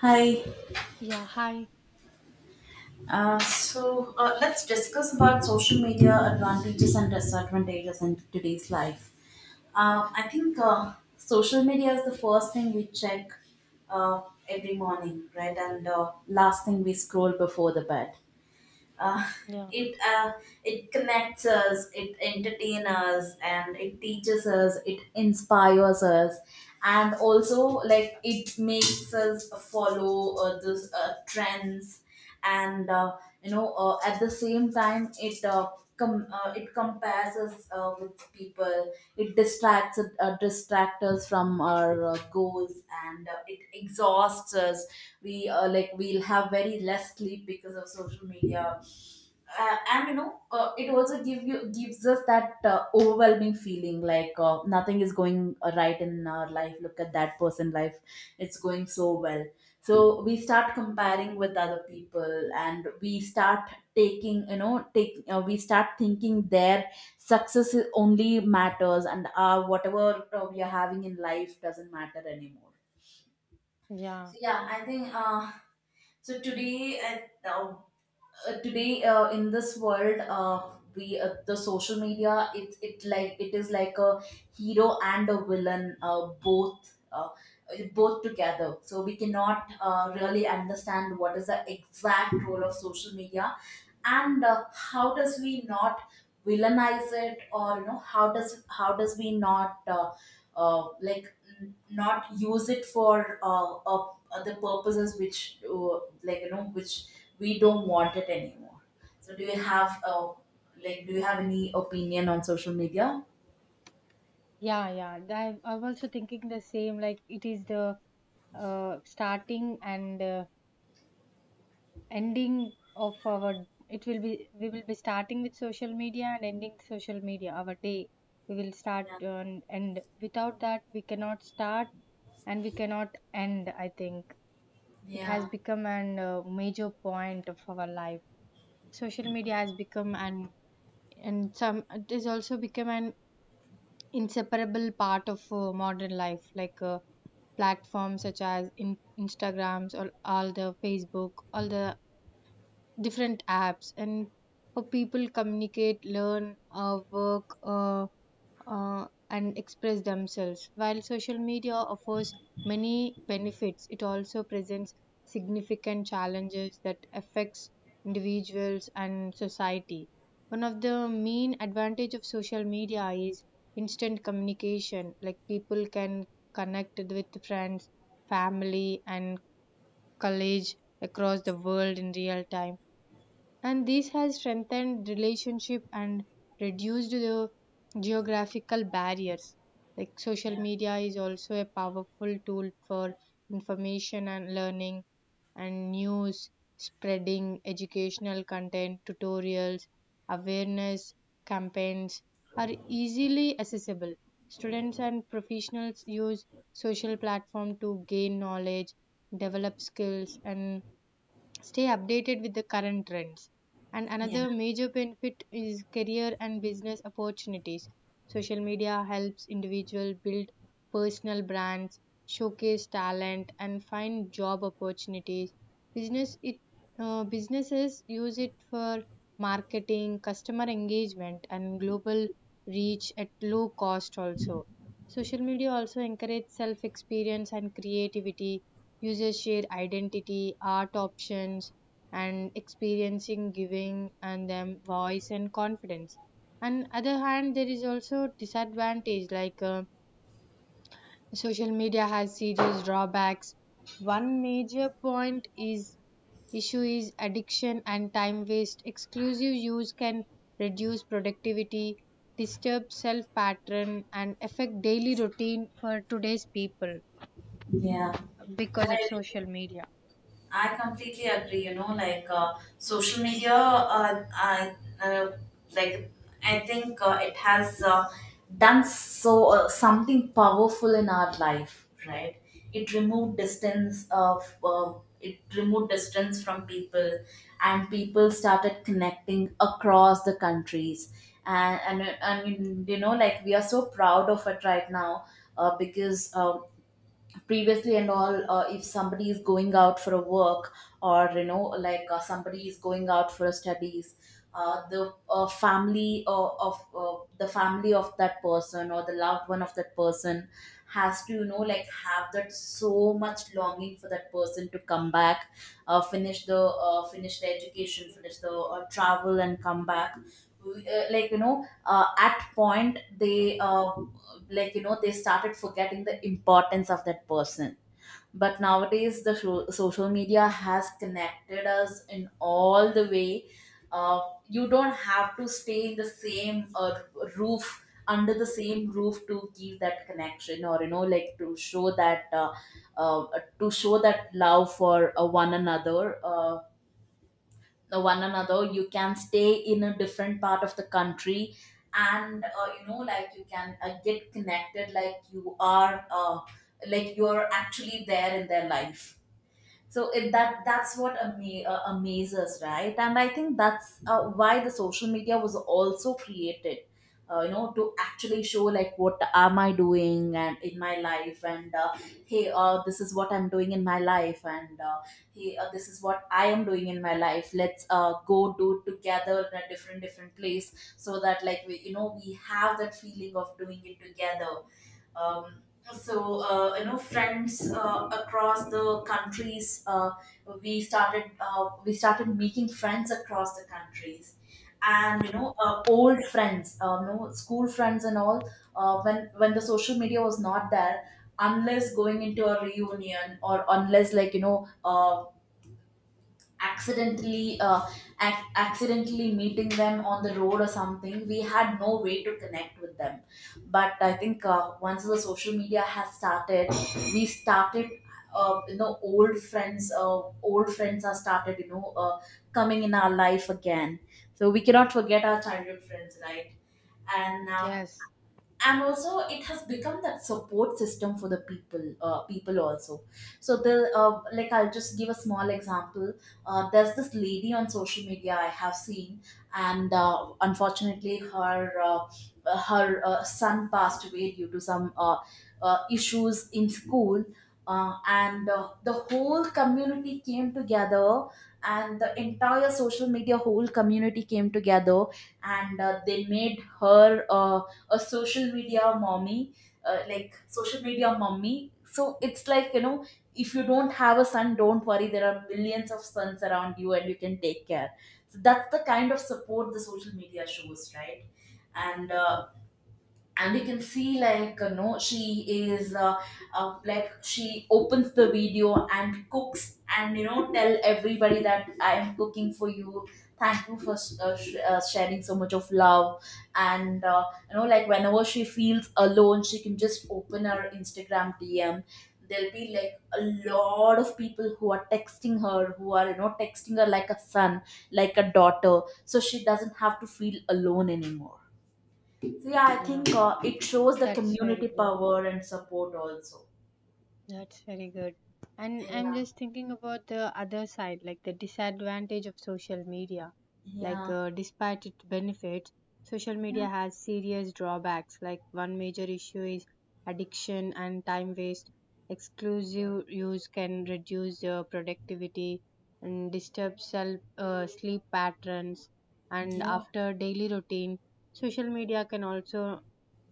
Hi. Yeah, hi. Let's discuss about social media advantages and disadvantages in today's life. I think social media is the first thing we check uh, every morning, right? And last thing we scroll before the bed. uh, Yeah, it it connects us, it entertains us, and it teaches us, it inspires us, and also like it makes us follow those trends, and you know, at the same time it compares us with people, it distracts us from our goals, and it exhausts us. We like we'll have very less sleep because of social media. And you know, it also gives us that overwhelming feeling, like nothing is going right in our life. Look at that person life, it's going so well. So we start comparing with other people and we start taking you know take we start thinking their only matters, and whatever we are having in life doesn't matter anymore. yeah, So yeah, I think so today uh, today in this world, we the social media, it like it is like a hero and a villain, both, both together. So we cannot really understand what is the exact role of social media, and how does we not villainize it, or you know, how does we not like not use it for the purposes which like you know, which we don't want it anymore. So do you have a, like do you have any opinion on social media? yeah, yeah. I'm also thinking the same. Like it is the starting and ending of our. It will be we will be starting with social media and ending social media. Our day we will start Yeah. And without that we cannot start and we cannot end. I think it has Yeah. become an major point of our life. Social media has become an and some it is also become an inseparable part of modern life like platforms such as instagrams or all the facebook all the different apps and how people communicate learn work and express themselves. While social media offers many benefits, it also presents significant challenges that affects individuals and society. One of the main advantage of social media is instant communication. Like people can connect with friends, family, and colleagues across the world in real time, and this has strengthened relationship and reduced the geographical barriers. Like social Yeah. media is also a powerful tool for information and learning and news, spreading educational content, tutorials, awareness campaigns are easily accessible. Students and professionals use social platform to gain knowledge, develop skills, and stay updated with the current trends. And Yeah. another major benefit is career and business opportunities. Social media helps individual build personal brands, showcase talent, and find job opportunities. Business it businesses use it for marketing, customer engagement, and global reach at low cost also. Social media also encourages self experience and creativity. Users share identity, art options, and experiencing giving and them voice and confidence. On other hand, there is also disadvantage like social media has serious drawbacks. One major point is issue is addiction and time waste. Exclusive use can reduce productivity, disturb self pattern, and affect daily routine for today's people Yeah. because of social media. I completely agree. Social media, I uh, like I think it has done so something powerful in our life, right? It removed distance of it removed distance from people, and people started connecting across the countries. And you know, like we are so proud of it right now, because previously and all, if somebody is going out for a work, or you know like somebody is going out for studies, the family of the family of that person, or the loved one of that person, has to you know like have that so much longing for that person to come back, finish the education, finish the travel and come back. Like you know, at point they like you know, they started forgetting the importance of that person. But nowadays the social media has connected us in all the way. uh, you don't have to stay in the same roof under the same roof to keep that connection, or you know like uh, to show that love for one another. You can stay in a different part of the country, and you know like you can get connected, like you are actually there in their life. So it, that that's what amazes, right? And I think that's why the social media was also created, you know, to actually show, like what am I doing and in my life, and hey, this is what I'm doing in my life, and hey, this is what I am doing in my life. Let's go do it together in a different different place, so that like we we have that feeling of doing it together. um, you know, friends across the countries. We started making friends across the countries, and you know, old friends, you know, school friends and all. When the social media was not there, unless going into a reunion, or unless like you know, accidentally uh, accidentally meeting them on the road or something, we had no way to connect with them. But I think once the social media has started, we started, old friends are started, you know, coming in our life again. So we cannot forget our childhood friends, right? and uh, Yes. and also it has become that support system for the people, people also. So the like I'll just give a small example. There's this lady on social media I have seen, and unfortunately her son passed away due to some issues in school. Uh, and the whole community came together and the entire social media whole community came together, and they made her a social media mommy, like social media mommy. So it's like, you know, if you don't have a son, don't worry. There are millions of sons around you and you can take care. So that's the kind of support the social media shows, right? And uh, and you can see, like you know, she is like she opens the video and cooks and you know, tell everybody that I am cooking for you, thank you for sharing so much of love. And you know like whenever she feels alone, she can just open her Instagram DM. There'll be like a lot of people who are texting her, who are you know, texting her like a son, like a daughter, so she doesn't have to feel alone anymore. So yeah, I Yeah, think it shows the that's very community good. power and support also. That's very good. And I'm Yeah. just thinking about the other side, like the disadvantage of social media. Like, Yeah, despite its benefits, social yeah. media has serious drawbacks. Like, one major issue is addiction and time waste. Exclusive use can reduce productivity and disturb self, sleep patterns. And Yeah, after daily routine, social media can also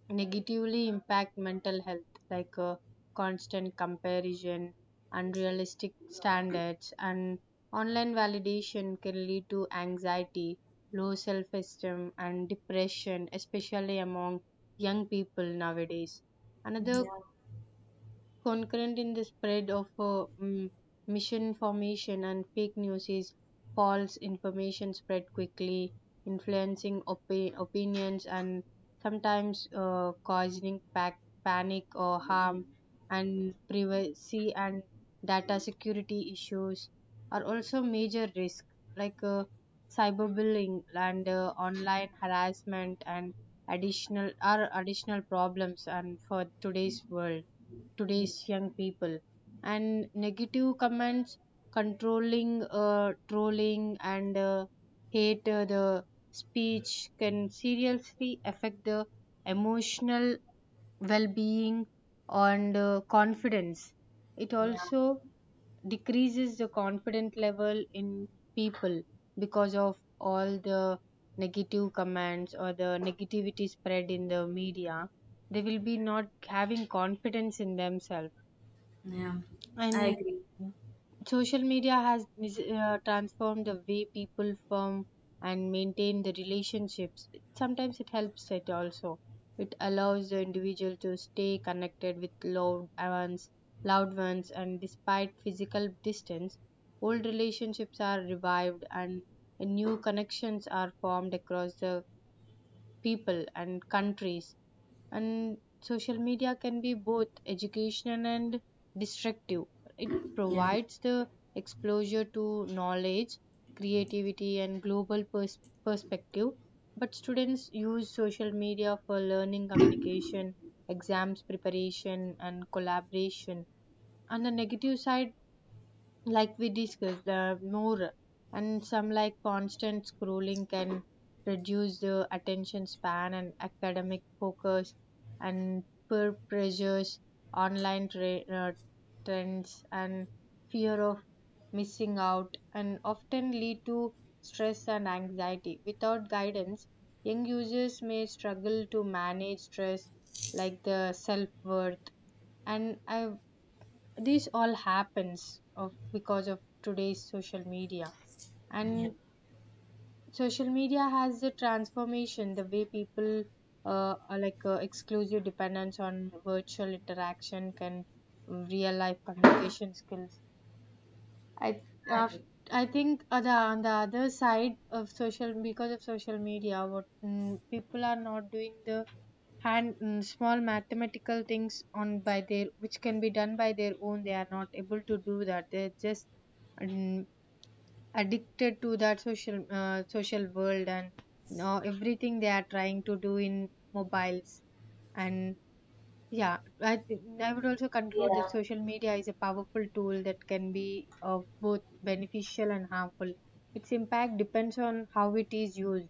negatively impact mental health, like constant comparison, unrealistic standards, and online validation can lead to anxiety, low self esteem, and depression, especially among young people nowadays. Another yeah, concurrent in the spread of misinformation and fake news is false information spread quickly, influencing opinions, and sometimes causing panic or harm. And privacy and data security issues are also major risk, like cyberbullying and online harassment and additional problems and for today's world, today's young people. And negative comments, trolling, and hate the speech can seriously affect the emotional well-being and confidence. It yeah, also decreases the confidence level in people because of all the negative comments or the negativity spread in the media. They will be not having confidence in themselves. yeah. I And agree. social media has transformed the way people form and maintain the relationships. It- sometimes it helps. It also, it allows the individual to stay connected with loved ones loved ones, and despite physical distance, old relationships are revived and new connections are formed across the people and countries. And social media can be both educational and destructive. It Yeah, provides the exposure to knowledge, creativity, and global perspective. But students use social media for learning, communication, exams preparation, and collaboration. On the negative side, like we discussed the more, and some like constant scrolling can reduce the attention span and academic focus. And peer pressures, online trends, and fear of missing out and often lead to stress and anxiety. Without guidance, young users may struggle to manage stress, like the self-worth. And I, these all happens of because of today's social media. yeah, And social media has a transformation the way people are, like exclusive dependence on virtual interaction can real life communication skills. I I af agree. I think the, on the other side of social, because of social media, what, people are not doing the hand, small mathematical things on by their which can be done by their own, they are not able to do that. They're just mm, addicted to that social world, and now everything they are trying to do in mobiles. And yeah, I think I would also conclude that Yeah. social media is a powerful tool that can be of both beneficial and harmful. Its impact depends on how it is used.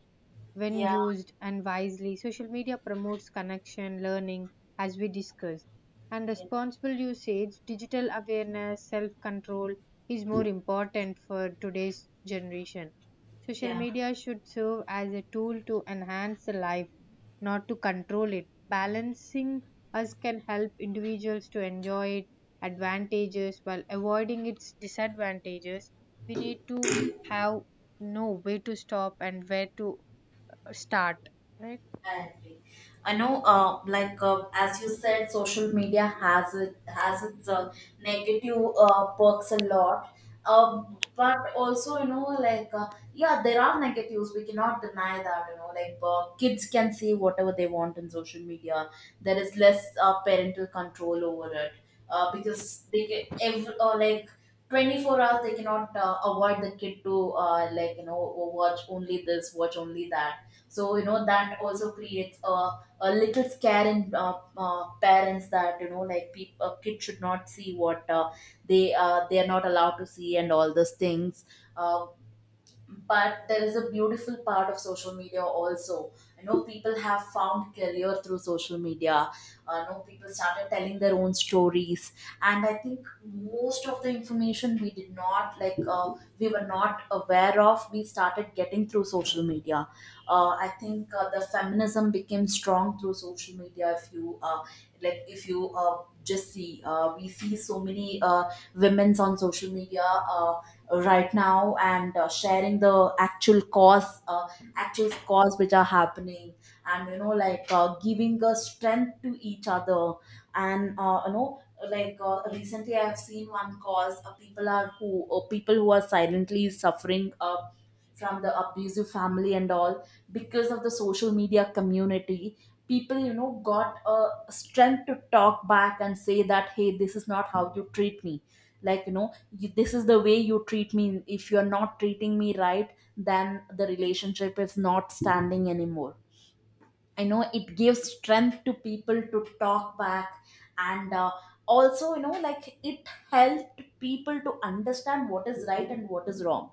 When Yeah. used and wisely, social media promotes connection, learning, as we discussed. And Yeah, responsible usage, digital awareness, self control is more important for today's generation. Social yeah. media should serve as a tool to enhance the life, not to control it. Balancing us can help individuals to enjoy its advantages while avoiding its disadvantages. We need to have know where to stop and where to start, right? I agree. I know, as you said, social media has it has its negative perks a lot. uh, but also, you know, yeah, there are negatives. We cannot deny that. You know, like kids can see whatever they want in social media. There is less parental control over it, because they get every or like, 24 hours they cannot avoid the kid to like you know, watch only this, watch only that. So you know, that also creates a little scare in parents, that you know like people kids should not see what they are not allowed to see, and all those things. uh, but there is a beautiful part of social media also. You know, people have found career through social media. You know, people started telling their own stories, and I think most of the information we did not we were not aware of, we started getting through social media. I think the feminism became strong through social media. If you just see, we see so many women's on social media uh, right now, and sharing the actual cause which are happening, and you know like giving a strength to each other. And you know, recently I have seen one cause. People who are silently suffering from the abusive family and all, because of the social media community, people you know got a strength to talk back and say that, hey, this is not how you treat me. Like you know, you, this is the way you treat me. If you're not treating me right, then the relationship is not standing anymore. I know it gives strength to people to talk back. And also you know, like it helped people to understand what is right and what is wrong.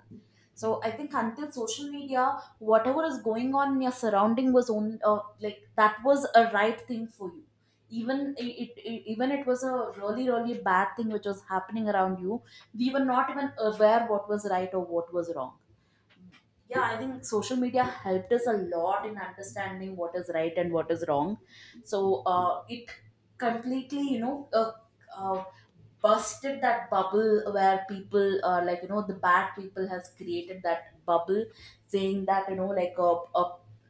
So I think, until social media, whatever is going on in your surrounding was on, like that was a right thing for you. Even it, even it was a really really bad thing which was happening around you, we were not even aware what was right or what was wrong. Yeah, I think social media helped us a lot in understanding what is right and what is wrong. So it completely you know, uh, busted that bubble, where people like you know, the bad people has created that bubble, saying that, you know like a,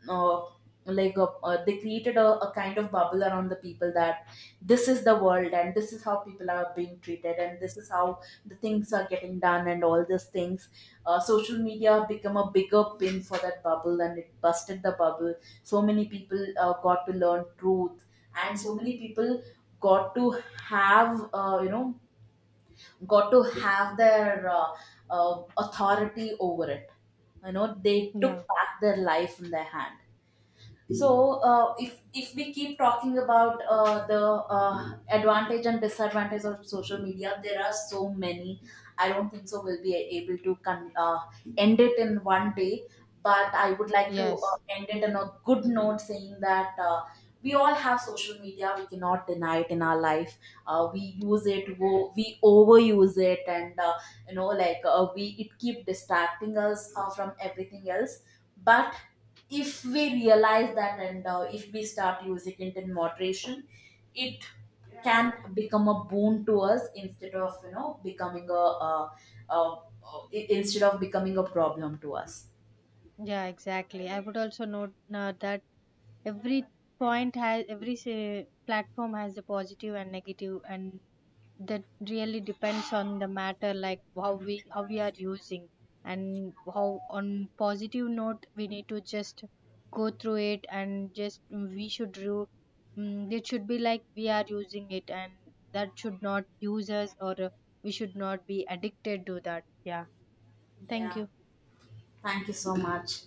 uh, like a, they created a kind of bubble around the people, that this is the world and this is how people are being treated, and this is how the things are getting done and all these things. Social media become a bigger pin for that bubble, and it busted the bubble. So many people got to learn truth, and so many people got to have, you know got to have their authority over it. You know, they took Yeah. back their life in their hand. So, if we keep talking about the advantage and disadvantage of social media, there are so many. I don't think so we'll be able to end it in one day. But I would like to Yes. end it on a good note, saying that we all have social media. We cannot deny it in our life. We use it. We overuse it, and you know like we, it keep distracting us from everything else. But if we realize that, and if we start using it in moderation, it can become a boon to us, instead of you know, becoming a, uh instead of becoming a problem to us. Yeah, exactly. I would also note that every point has every say, platform has a positive and negative. And that really depends on the matter, like how we are using. And how, on positive note, we need to just go through it, and just we should do, mm, it should be like we are using it, and that should not use us. Or we should not be addicted to that. Yeah, thank Yeah, you. thank you so much.